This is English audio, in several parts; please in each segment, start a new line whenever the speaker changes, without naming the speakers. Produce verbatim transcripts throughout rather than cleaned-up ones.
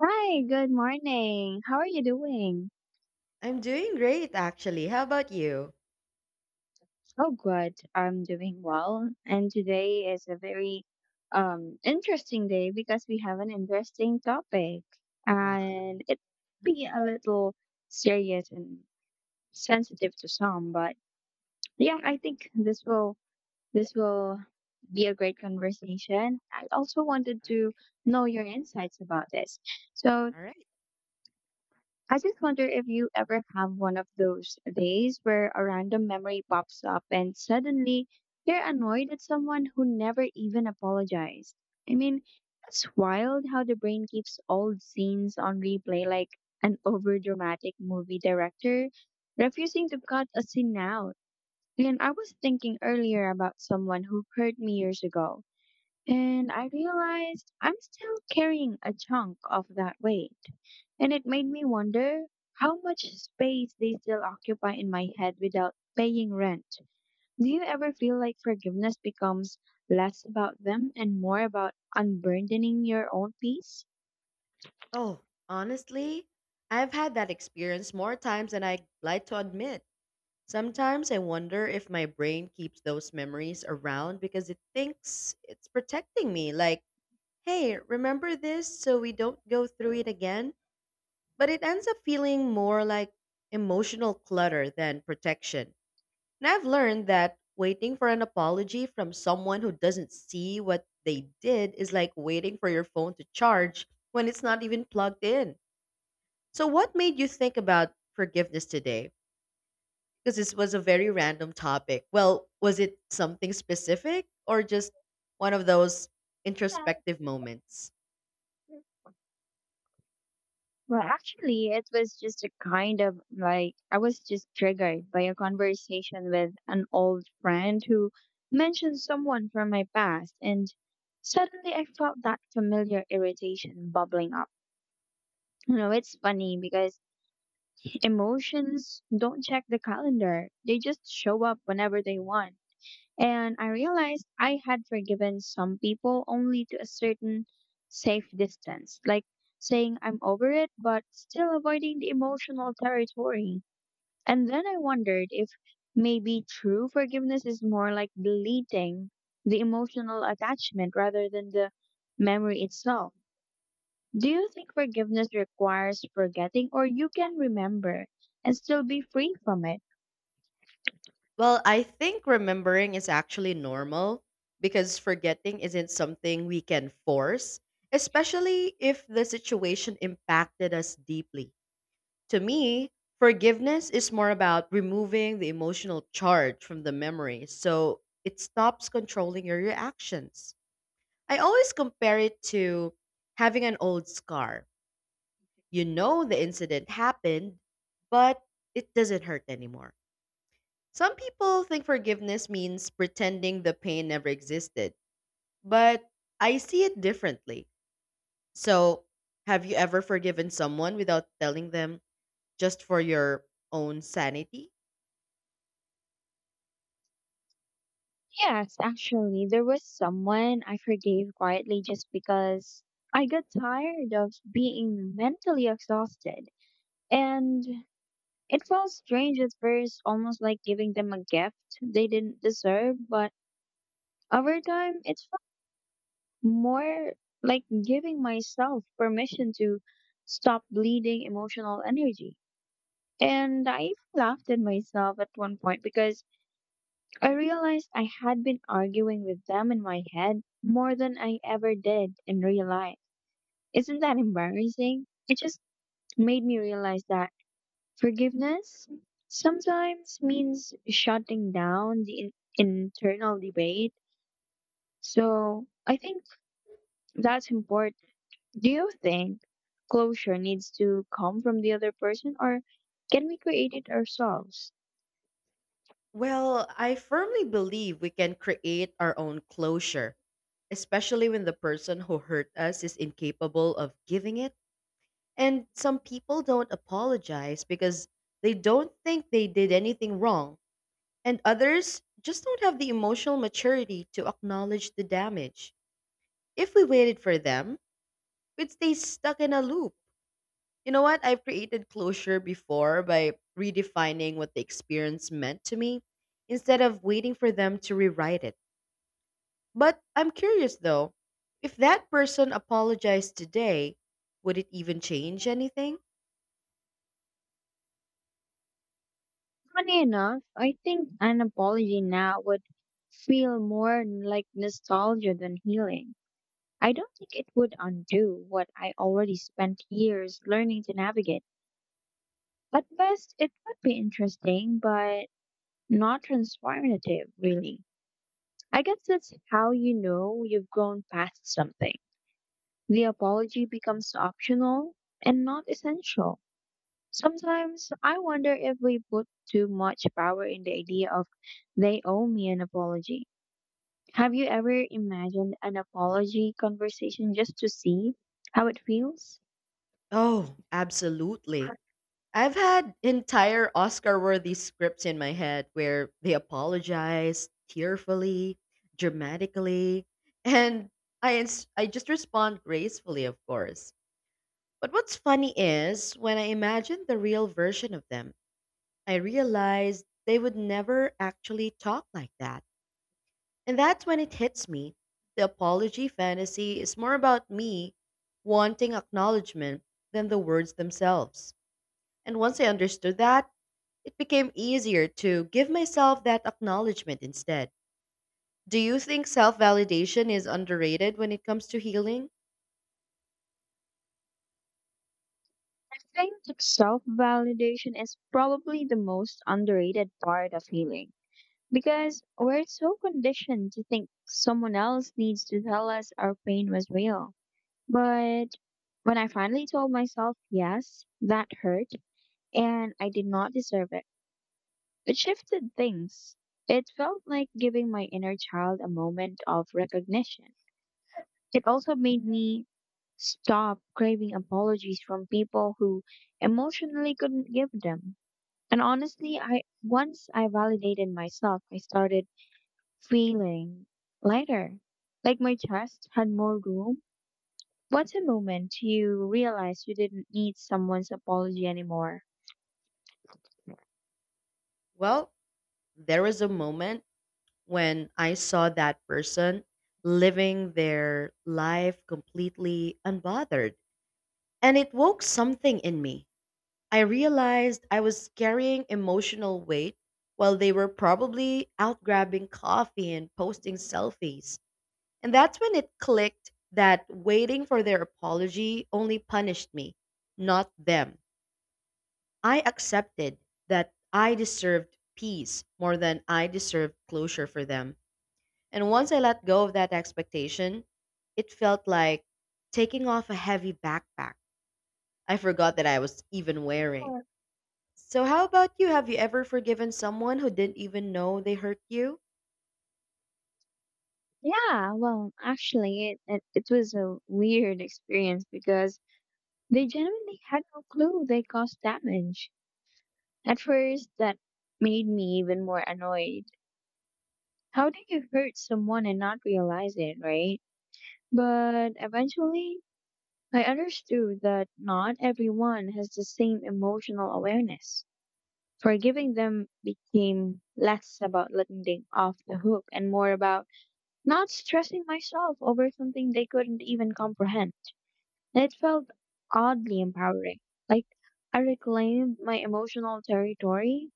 Hi, good morning. How are you doing?
I'm doing great, actually. How about you?
Oh, good. I'm doing well. And today is a very um interesting day because we have an interesting topic
Wow.
and it
Mhm.
be a little serious and sensitive to some, but yeah, I think this will this will be a great conversation. I also wanted to know your insights about this. So
All all right.
I just wonder if you ever have one of those days where a random memory pops up and suddenly you're annoyed at someone who never even apologized. I mean, it's wild how the brain keeps old scenes on replay like an overdramatic movie director refusing to cut a scene out. And I was thinking earlier about someone who hurt me years ago, and I realized I'm still carrying a chunk of that weight. And it made me wonder how much space they still occupy in my head without paying rent. Do you ever feel like forgiveness becomes less about them and more about unburdening your own peace?
Oh, honestly, I've had that experience more times than I'd like to admit. Sometimes I wonder if my brain keeps those memories around because it thinks it's protecting me. Like, hey, remember this so we don't go through it again? But it ends up feeling more like emotional clutter than protection. And I've learned that waiting for an apology from someone who doesn't see what they did is like waiting for your phone to charge when it's not even plugged in. So, what made you think about forgiveness today? Because this was a very random topic. Well, was it something specific or just one of those introspective moments?
Well, actually, it was just a kind of like I was just triggered by a conversation with an old friend who mentioned someone from my past, and suddenly I felt that familiar irritation bubbling up. You know, it's funny because emotions don't check the calendar, they just show up whenever they want. And I realized I had forgiven some people only to a certain safe distance, like saying I'm over it, but still avoiding the emotional territory. And then I wondered if maybe true forgiveness is more like deleting the emotional attachment rather than the memory itself. Do you think forgiveness requires forgetting, or you can remember and still be free from it?
Well, I think remembering is actually normal because forgetting isn't something we can force, especially if the situation impacted us deeply. To me, forgiveness is more about removing the emotional charge from the memory so it stops controlling your reactions. I always compare it to having an old scar. You know the incident happened, but it doesn't hurt anymore. Some people think forgiveness means pretending the pain never existed, but I see it differently. So, have you ever forgiven someone without telling them just for your own sanity?
Yes, actually, there was someone I forgave quietly just because I got tired of being mentally exhausted. And it felt strange at first, almost like giving them a gift they didn't deserve. But over time, it felt more like giving myself permission to stop bleeding emotional energy. And I even laughed at myself at one point because I realized I had been arguing with them in my head more than I ever did in real life. Isn't that embarrassing? It just made me realize that forgiveness sometimes means shutting down the in- internal debate. So I think that's important. Do you think closure needs to come from the other person or can we create it ourselves?
Well, I firmly believe we can create our own closure, especially when the person who hurt us is incapable of giving it. And some people don't apologize because they don't think they did anything wrong and others just don't have the emotional maturity to acknowledge the damage. If we waited for them, we'd stay stuck in a loop. You know what? I've created closure before by redefining what the experience meant to me instead of waiting for them to rewrite it. But I'm curious though, if that person apologized today, would it even change anything?
Funny enough, I think an apology now would feel more like nostalgia than healing. I don't think it would undo what I already spent years learning to navigate. At best, it would be interesting, but not transformative, really. I guess that's how you know you've grown past something. The apology becomes optional and not essential. Sometimes I wonder if we put too much power in the idea of they owe me an apology. Have you ever imagined an apology conversation just to see how it feels?
Oh, absolutely. I've had entire Oscar worthy scripts in my head where they apologize tearfully, dramatically, and I, ins- I just respond gracefully, of course. But what's funny is when I imagine the real version of them, I realize they would never actually talk like that. And that's when it hits me. The apology fantasy is more about me wanting acknowledgement than the words themselves. And once I understood that, it became easier to give myself that acknowledgement instead. Do you think self validation is underrated when it comes to healing?
I think self validation is probably the most underrated part of healing because we're so conditioned to think someone else needs to tell us our pain was real. But when I finally told myself, yes, that hurt and I did not deserve it. It shifted things. It felt like giving my inner child a moment of recognition. It also made me stop craving apologies from people who emotionally couldn't give them. And honestly, I once I validated myself, I started feeling lighter. Like my chest had more room. What's a moment you realize you didn't need someone's apology anymore?
Well, there was a moment when I saw that person living their life completely unbothered, and it woke something in me. I realized I was carrying emotional weight while they were probably out grabbing coffee and posting selfies. And that's when it clicked that waiting for their apology only punished me, not them. I accepted that I deserved peace more than I deserved closure for them. And once I let go of that expectation, it felt like taking off a heavy backpack I forgot that I was even wearing. So, how about you? Have you ever forgiven someone who didn't even know they hurt you?
Yeah, well, actually, it, it, it was a weird experience because they genuinely had no clue they caused damage. At first, that made me even more annoyed. How do you hurt someone and not realize it, right? But eventually, I understood that not everyone has the same emotional awareness. Forgiving them became less about letting them off the hook and more about not stressing myself over something they couldn't even comprehend. It felt oddly empowering, like I reclaimed my emotional territory.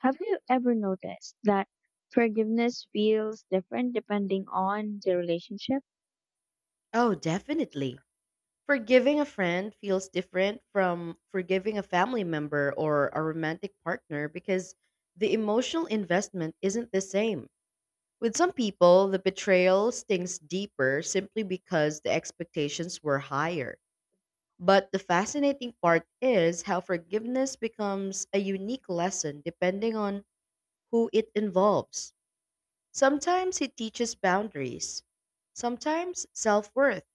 Have you ever noticed that forgiveness feels different depending on the relationship?
Oh, definitely. Forgiving a friend feels different from forgiving a family member or a romantic partner because the emotional investment isn't the same. With some people, the betrayal stings deeper simply because the expectations were higher. But the fascinating part is how forgiveness becomes a unique lesson depending on who it involves. Sometimes it teaches boundaries, sometimes self worth,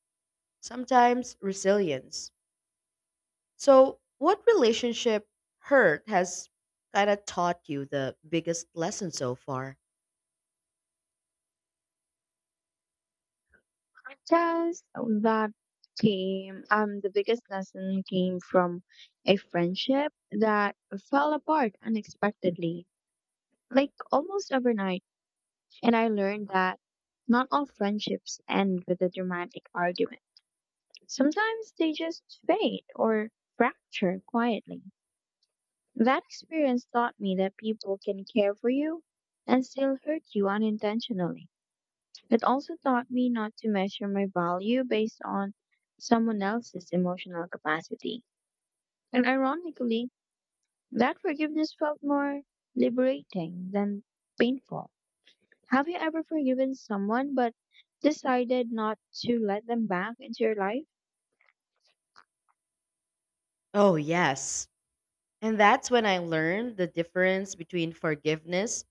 sometimes resilience. So, what relationship hurt has kind of taught you the biggest lesson so far?
Just that came, um, the biggest lesson came from a friendship that fell apart unexpectedly, like almost overnight. And I learned that not all friendships end with a dramatic argument. Sometimes they just fade or fracture quietly. That experience taught me that people can care for you and still hurt you unintentionally. It also taught me not to measure my value based on someone else's emotional capacity. And ironically, that forgiveness felt more liberating than painful. Have you ever forgiven someone but decided not to let them back into your life?
Oh, yes. And that's when I learned the difference between forgiveness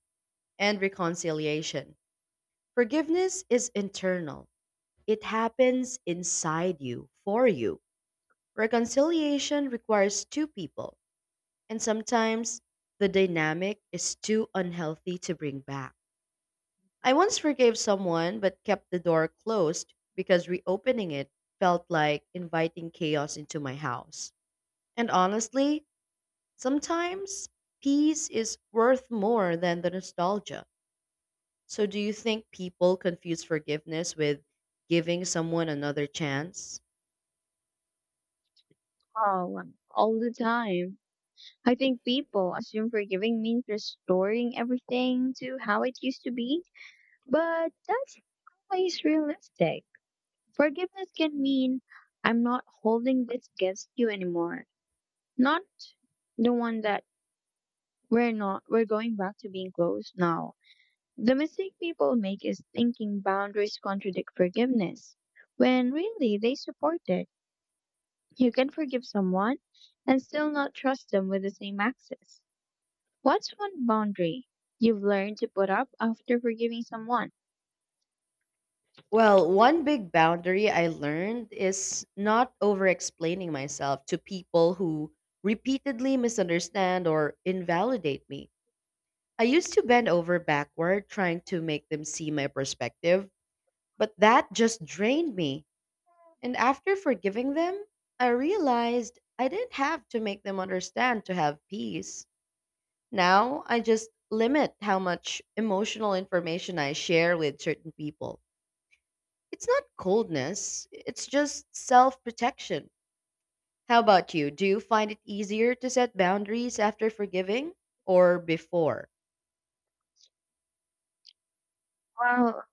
and reconciliation. Forgiveness is internal, it happens inside you, for you. Reconciliation requires two people, and sometimes the dynamic is too unhealthy to bring back. I once forgave someone but kept the door closed because reopening it felt like inviting chaos into my house. And honestly, sometimes peace is worth more than the nostalgia. So, do you think people confuse forgiveness with giving someone another chance?
Oh, um, all the time. I think people assume forgiving means restoring everything to how it used to be, but that's not always realistic. Forgiveness can mean I'm not holding this against you anymore. Not the one that we're not, we're going back to being close now. The mistake people make is thinking boundaries contradict forgiveness, when really they support it. You can forgive someone and still not trust them with the same access. What's one boundary you've learned to put up after forgiving someone?
Well, one big boundary I learned is not over explaining myself to people who repeatedly misunderstand or invalidate me. I used to bend over backward trying to make them see my perspective, but that just drained me. And after forgiving them, I realized I didn't have to make them understand to have peace. Now I just limit how much emotional information I share with certain people. It's not coldness, it's just self protection. How about you? Do you find it easier to set boundaries after forgiving or before?
Well,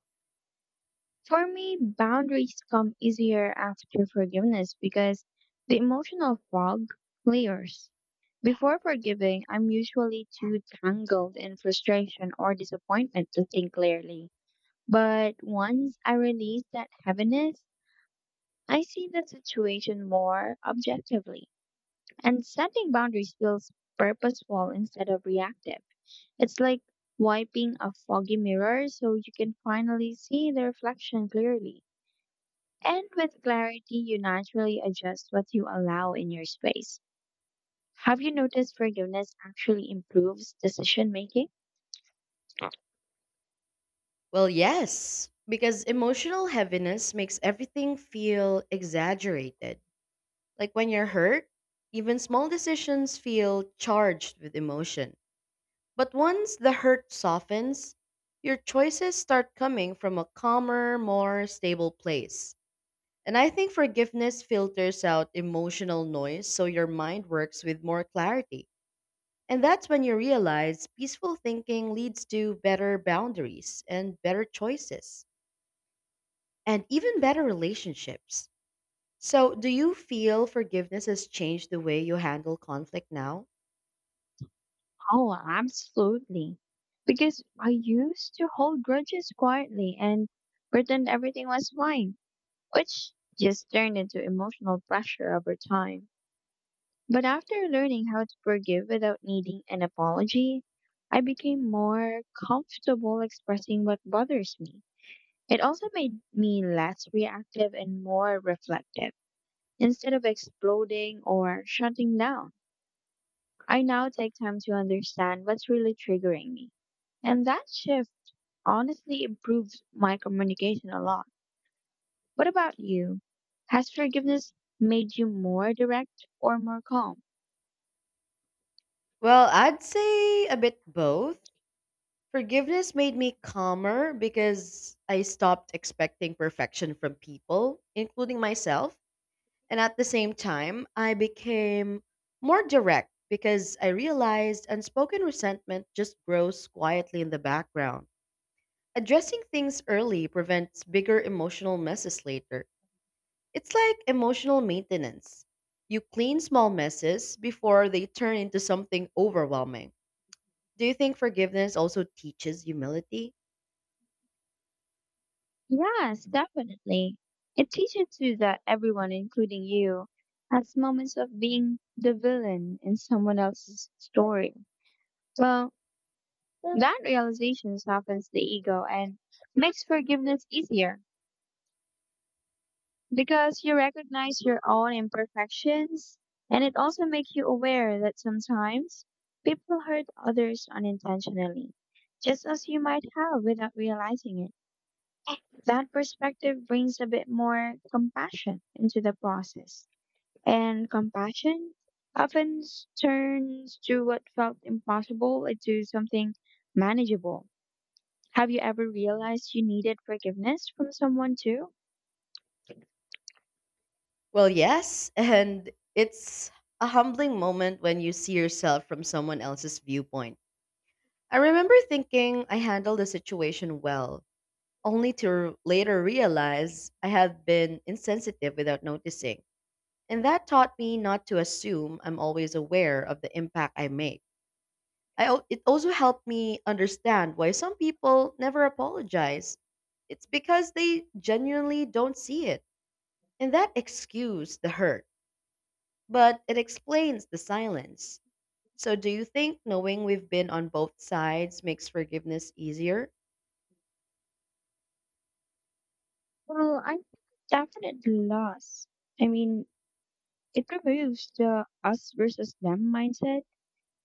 for me, boundaries come easier after forgiveness because the emotional fog clears. Before forgiving, I'm usually too tangled in frustration or disappointment to think clearly. But once I release that heaviness, I see the situation more objectively. And setting boundaries feels purposeful instead of reactive. It's like wiping a foggy mirror so you can finally see the reflection clearly. And with clarity, you naturally adjust what you allow in your space. Have you noticed forgiveness actually improves decision making?
Well, yes, because emotional heaviness makes everything feel exaggerated. Like when you're hurt, even small decisions feel charged with emotion. But once the hurt softens, your choices start coming from a calmer, more stable place. And I think forgiveness filters out emotional noise so your mind works with more clarity. And that's when you realize peaceful thinking leads to better boundaries and better choices, and even better relationships. So, do you feel forgiveness has changed the way you handle conflict now?
Oh, absolutely. Because I used to hold grudges quietly and pretend everything was fine, which just turned into emotional pressure over time. But after learning how to forgive without needing an apology, I became more comfortable expressing what bothers me. It also made me less reactive and more reflective. Instead of exploding or shutting down, I now take time to understand what's really triggering me. And that shift honestly improved my communication a lot. What about you? Has forgiveness made you more direct or more calm?
Well, I'd say a bit both. Forgiveness made me calmer because I stopped expecting perfection from people, including myself. And at the same time, I became more direct because I realized unspoken resentment just grows quietly in the background. Addressing things early prevents bigger emotional messes later. It's like emotional maintenance. You clean small messes before they turn into something overwhelming. Do you think forgiveness also teaches humility?
Yes, definitely. It teaches you that everyone, including you, has moments of being the villain in someone else's story. Well, that realization softens the ego and makes forgiveness easier because you recognize your own imperfections and it also makes you aware that sometimes people hurt others unintentionally, just as you might have without realizing it. That perspective brings a bit more compassion into the process. And compassion often s- turns to what felt impossible into something manageable. Have you ever realized you needed forgiveness from someone too?
Well, yes, and it's a humbling moment when you see yourself from someone else's viewpoint. I remember thinking I handled the situation well, only to later realize I had been insensitive without noticing. And that taught me not to assume I'm always aware of the impact I make. I, al- it also helped me understand why some people never apologize. It's because they genuinely don't see it. And that excuse the hurt, but it explains the silence. So do you think knowing we've been on both sides makes forgiveness easier?
Well, I think definite loss. I mean, it removes the us versus them mindset.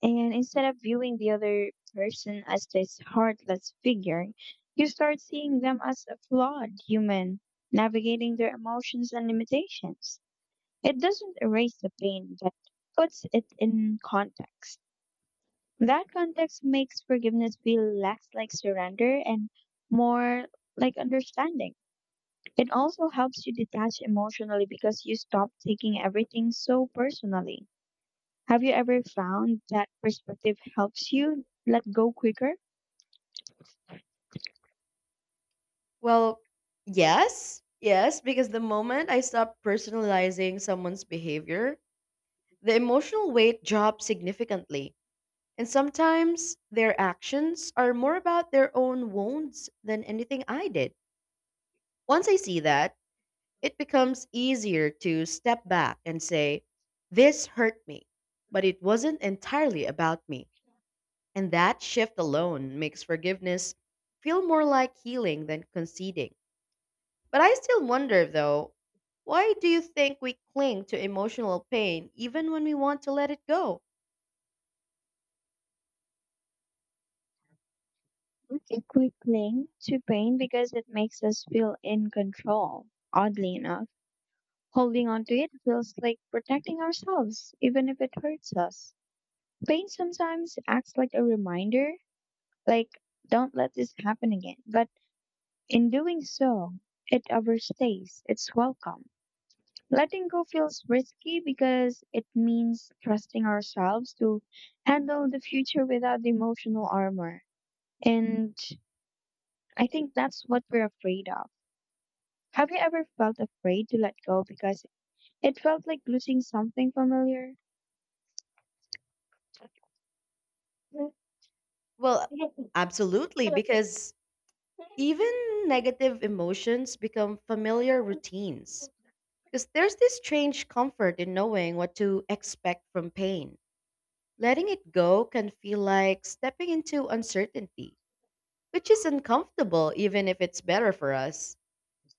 And instead of viewing the other person as this heartless figure, you start seeing them as a flawed human, navigating their emotions and limitations. It doesn't erase the pain, but puts it in context. That context makes forgiveness feel less like surrender and more like understanding. It also helps you detach emotionally because you stop taking everything so personally. Have you ever found that perspective helps you let go quicker?
Well, yes. Yes, because the moment I stop personalizing someone's behavior, the emotional weight drops significantly. And sometimes their actions are more about their own wounds than anything I did. Once I see that, it becomes easier to step back and say, this hurt me, but it wasn't entirely about me. And that shift alone makes forgiveness feel more like healing than conceding. But I still wonder, though, why do you think we cling to emotional pain even when we want to let it go?
If we cling to pain because it makes us feel in control, oddly enough, holding on to it feels like protecting ourselves, even if it hurts us. Pain sometimes acts like a reminder. Like, don't let this happen again. But in doing so, it overstays its welcome. Letting go feels risky because it means trusting ourselves to handle the future without the emotional armor. And I think that's what we're afraid of. Have you ever felt afraid to let go because it felt like losing something familiar?
Well, absolutely, because even negative emotions become familiar routines because there's this strange comfort in knowing what to expect from pain. Letting it go can feel like stepping into uncertainty, which is uncomfortable even if it's better for us.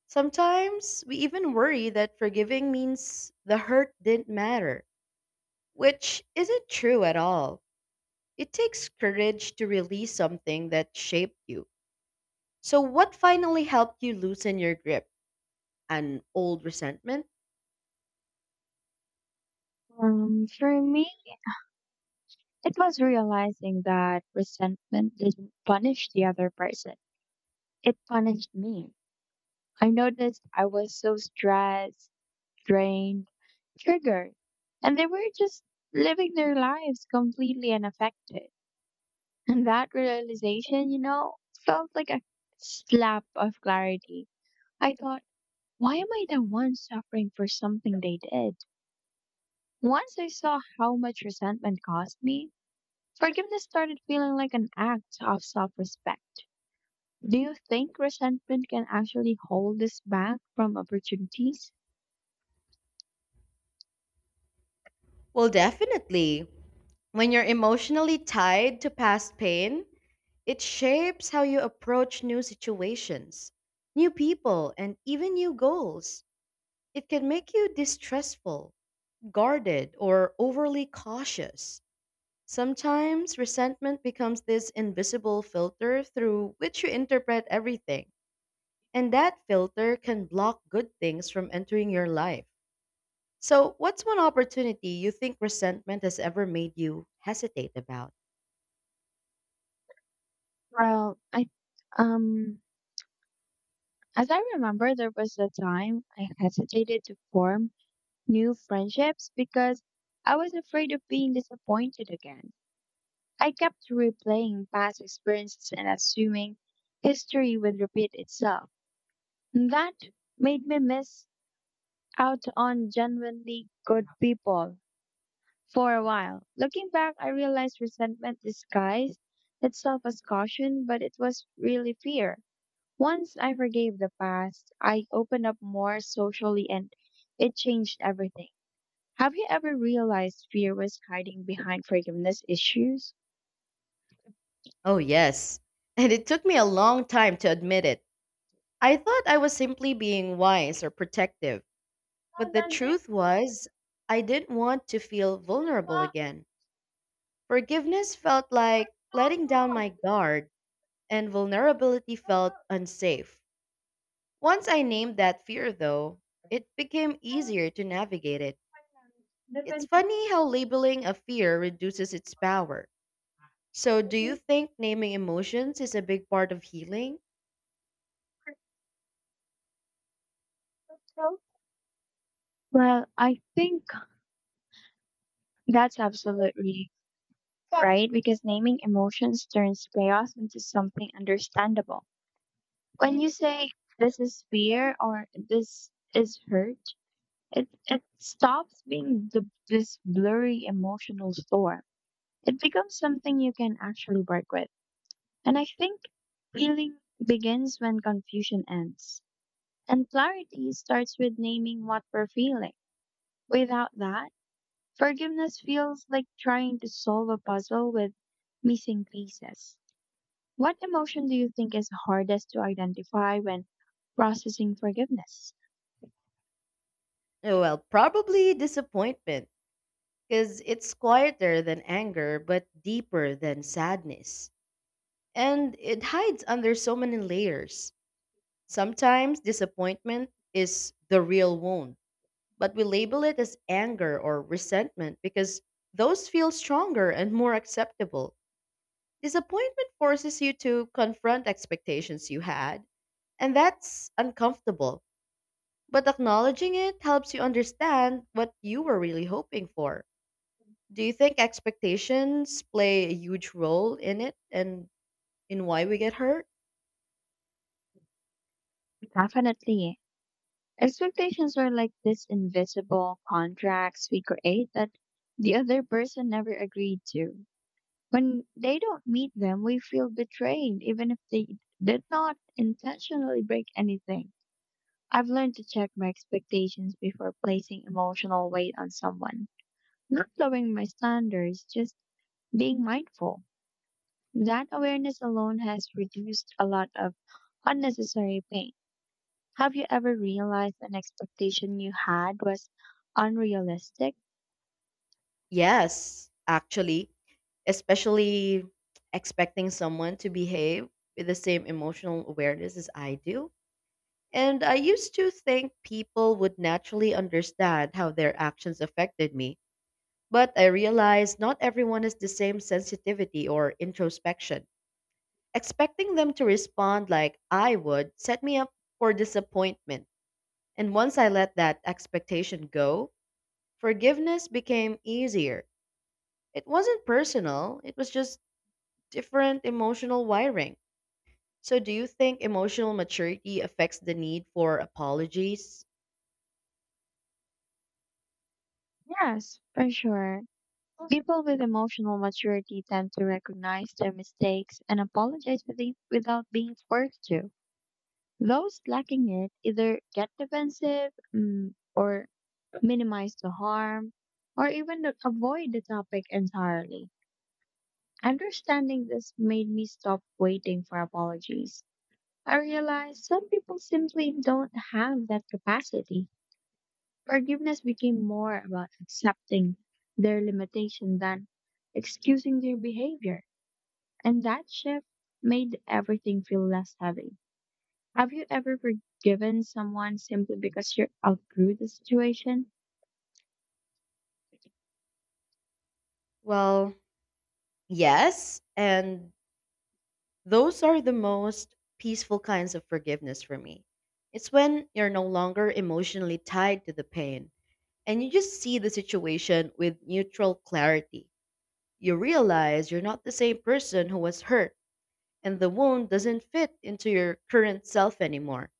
Sometimes we even worry that forgiving means the hurt didn't matter, which isn't true at all. It takes courage to release something that shaped you. So, what finally helped you loosen your grip? An old resentment?
Um, for me, it was realizing that resentment didn't punish the other person. It punished me. I noticed I was so stressed, drained, triggered, and they were just living their lives completely unaffected. And that realization, you know, felt like a slap of clarity. I thought, why am I the one suffering for something they did? Once I saw how much resentment caused me, forgiveness started feeling like an act of self respect. Do you think resentment can actually hold us back from opportunities?
Well, definitely. When you're emotionally tied to past pain, it shapes how you approach new situations, new people, and even new goals. It can make you distrustful, guarded, or overly cautious. Sometimes resentment becomes this invisible filter through which you interpret everything, and that filter can block good things from entering your life. So, what's one opportunity you think resentment has ever made you hesitate about?
Well, I um as I remember there was a time I hesitated to form new friendships because I was afraid of being disappointed again. I kept replaying past experiences and assuming history would repeat itself. And that made me miss out on genuinely good people for a while. Looking back, I realized resentment disguised itself as caution, but it was really fear. Once I forgave the past, I opened up more socially and it changed everything. Have you ever realized fear was hiding behind forgiveness issues?
Oh, yes. And it took me a long time to admit it. I thought I was simply being wise or protective, but the truth was, I didn't want to feel vulnerable again. Forgiveness felt like letting down my guard, and vulnerability felt unsafe. Once I named that fear, though, it became easier to navigate it. It's funny how labeling a fear reduces its power. So, do you think naming emotions is a big part of healing?
Well, I think that's absolutely right because naming emotions turns chaos into something understandable. When you say this is fear or this is hurt, it, it stops being the, this blurry emotional store. It becomes something you can actually work with. And I think healing begins when confusion ends. And clarity starts with naming what we're feeling. Without that, forgiveness feels like trying to solve a puzzle with missing pieces. What emotion do you think is hardest to identify when processing forgiveness?
Oh, well, probably disappointment, because it's quieter than anger, but deeper than sadness. And it hides under so many layers. Sometimes disappointment is the real wound, but we label it as anger or resentment because those feel stronger and more acceptable. Disappointment forces you to confront expectations you had, and that's uncomfortable. But acknowledging it helps you understand what you were really hoping for. Do you think expectations play a huge role in it and in why we get hurt?
Definitely. Expectations are like these invisible contracts we create that the other person never agreed to. When they don't meet them, we feel betrayed, even if they did not intentionally break anything. I've learned to check my expectations before placing emotional weight on someone, not lowering my standards, just being mindful. That awareness alone has reduced a lot of unnecessary pain. Have you ever realized an expectation you had was unrealistic?
Yes, actually, especially expecting someone to behave with the same emotional awareness as I do. And I used to think people would naturally understand how their actions affected me. But I realized not everyone has the same sensitivity or introspection. Expecting them to respond like I would set me up for disappointment. And once I let that expectation go, forgiveness became easier. It wasn't personal, it was just different emotional wiring. So, do you think emotional maturity affects the need for apologies?
Yes, for sure. People with emotional maturity tend to recognize their mistakes and apologize with it- without being forced to. Those lacking it either get defensive mm, or minimize the harm or even the- avoid the topic entirely. Understanding this made me stop waiting for apologies. I realized some people simply don't have that capacity. Forgiveness became more about accepting their limitation than excusing their behavior. And that shift made everything feel less heavy. Have you ever forgiven someone simply because you outgrew the situation?
Well, yes. And those are the most peaceful kinds of forgiveness for me. It's when you're no longer emotionally tied to the pain and you just see the situation with neutral clarity. You realize you're not the same person who was hurt, and the wound doesn't fit into your current self anymore.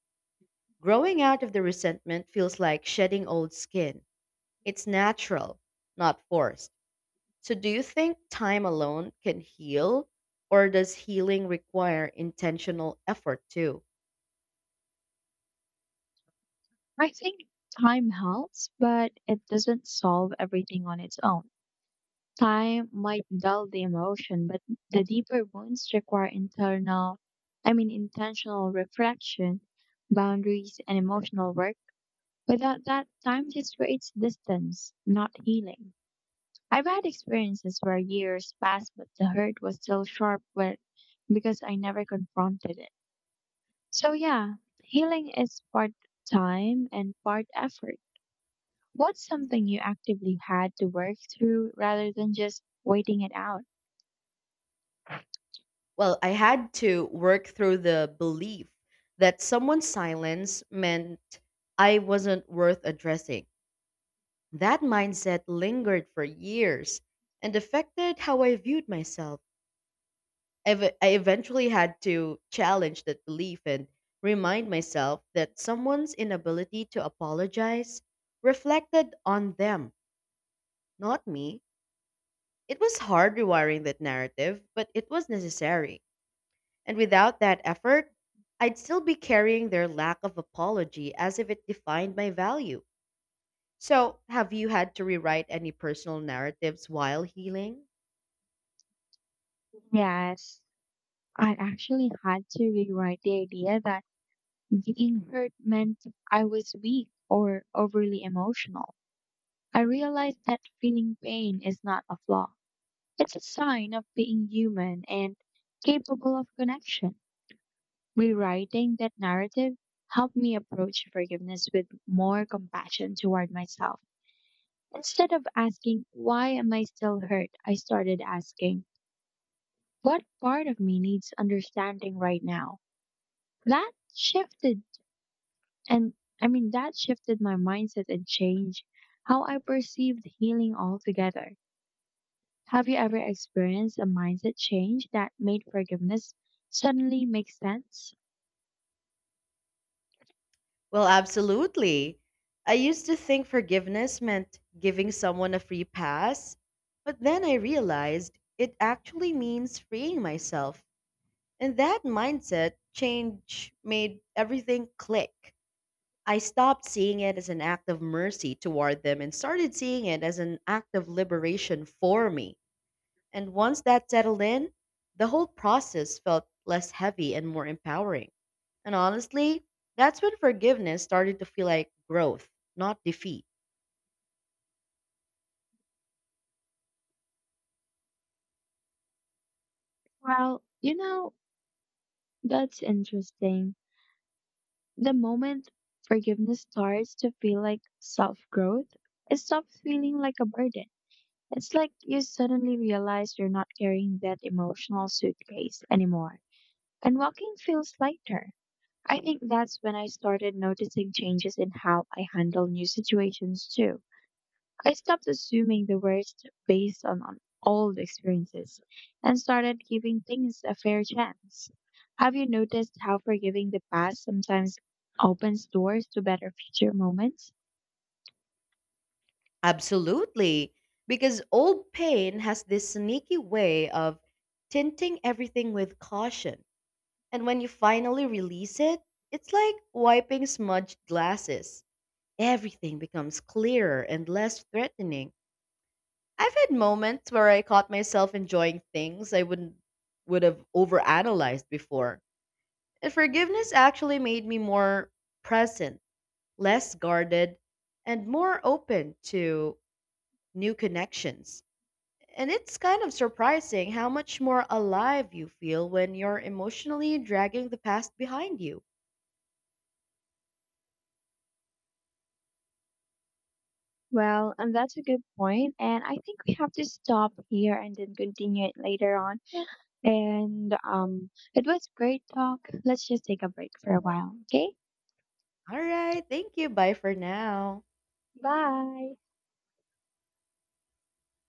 Growing out of the resentment feels like shedding old skin. It's natural, not forced. So, do you think time alone can heal, or does healing require intentional effort too?
I think time helps, but it doesn't solve everything on its own. Time might dull the emotion, but the deeper wounds require internal, I mean, intentional reflection, boundaries, and emotional work. Without that, time just creates distance, not healing. I've had experiences where years passed, but the hurt was still sharp where, because I never confronted it. So, yeah, healing is part time and part effort. What's something you actively had to work through rather than just waiting it out?
Well, I had to work through the belief that someone's silence meant I wasn't worth addressing. That mindset lingered for years and affected how I viewed myself. Ev- I eventually had to challenge that belief and remind myself that someone's inability to apologize reflected on them, not me. It was hard rewiring that narrative, but it was necessary. And without that effort, I'd still be carrying their lack of apology as if it defined my value. So, have you had to rewrite any personal narratives while healing?
Yes, I actually had to rewrite the idea that being hurt meant I was weak or overly emotional. I realized that feeling pain is not a flaw. It's a sign of being human and capable of connection. Rewriting that narrative helped me approach forgiveness with more compassion toward myself. Instead of asking, why am I still hurt? I started asking, what part of me needs understanding right now? That shifted, and I mean, that shifted my mindset and changed how I perceived healing altogether. Have you ever experienced a mindset change that made forgiveness suddenly make sense?
Well, absolutely. I used to think forgiveness meant giving someone a free pass, but then I realized it actually means freeing myself. And that mindset change made everything click. I stopped seeing it as an act of mercy toward them and started seeing it as an act of liberation for me. And once that settled in, the whole process felt less heavy and more empowering. And honestly, that's when forgiveness started to feel like growth, not defeat.
Well, you know, that's interesting. The moment forgiveness starts to feel like self growth, it stops feeling like a burden. It's like you suddenly realize you're not carrying that emotional suitcase anymore, and walking feels lighter. I think that's when I started noticing changes in how I handle new situations too. I stopped assuming the worst based on, on old experiences and started giving things a fair chance. Have you noticed how forgiving the past sometimes opens doors to better future moments?
Absolutely. Because old pain has this sneaky way of tinting everything with caution. And when you finally release it, it's like wiping smudged glasses. Everything becomes clearer and less threatening. I've had moments where I caught myself enjoying things I wouldn't would have overanalyzed before. And forgiveness actually made me more present, less guarded, and more open to new connections. And it's kind of surprising how much more alive you feel when you're emotionally dragging the past behind you.
Well, and that's a good point, and I think we have to stop here and then continue it later on. And um, it was great talk. Let's just take a break for a while, okay?
All right, thank you. Bye for now.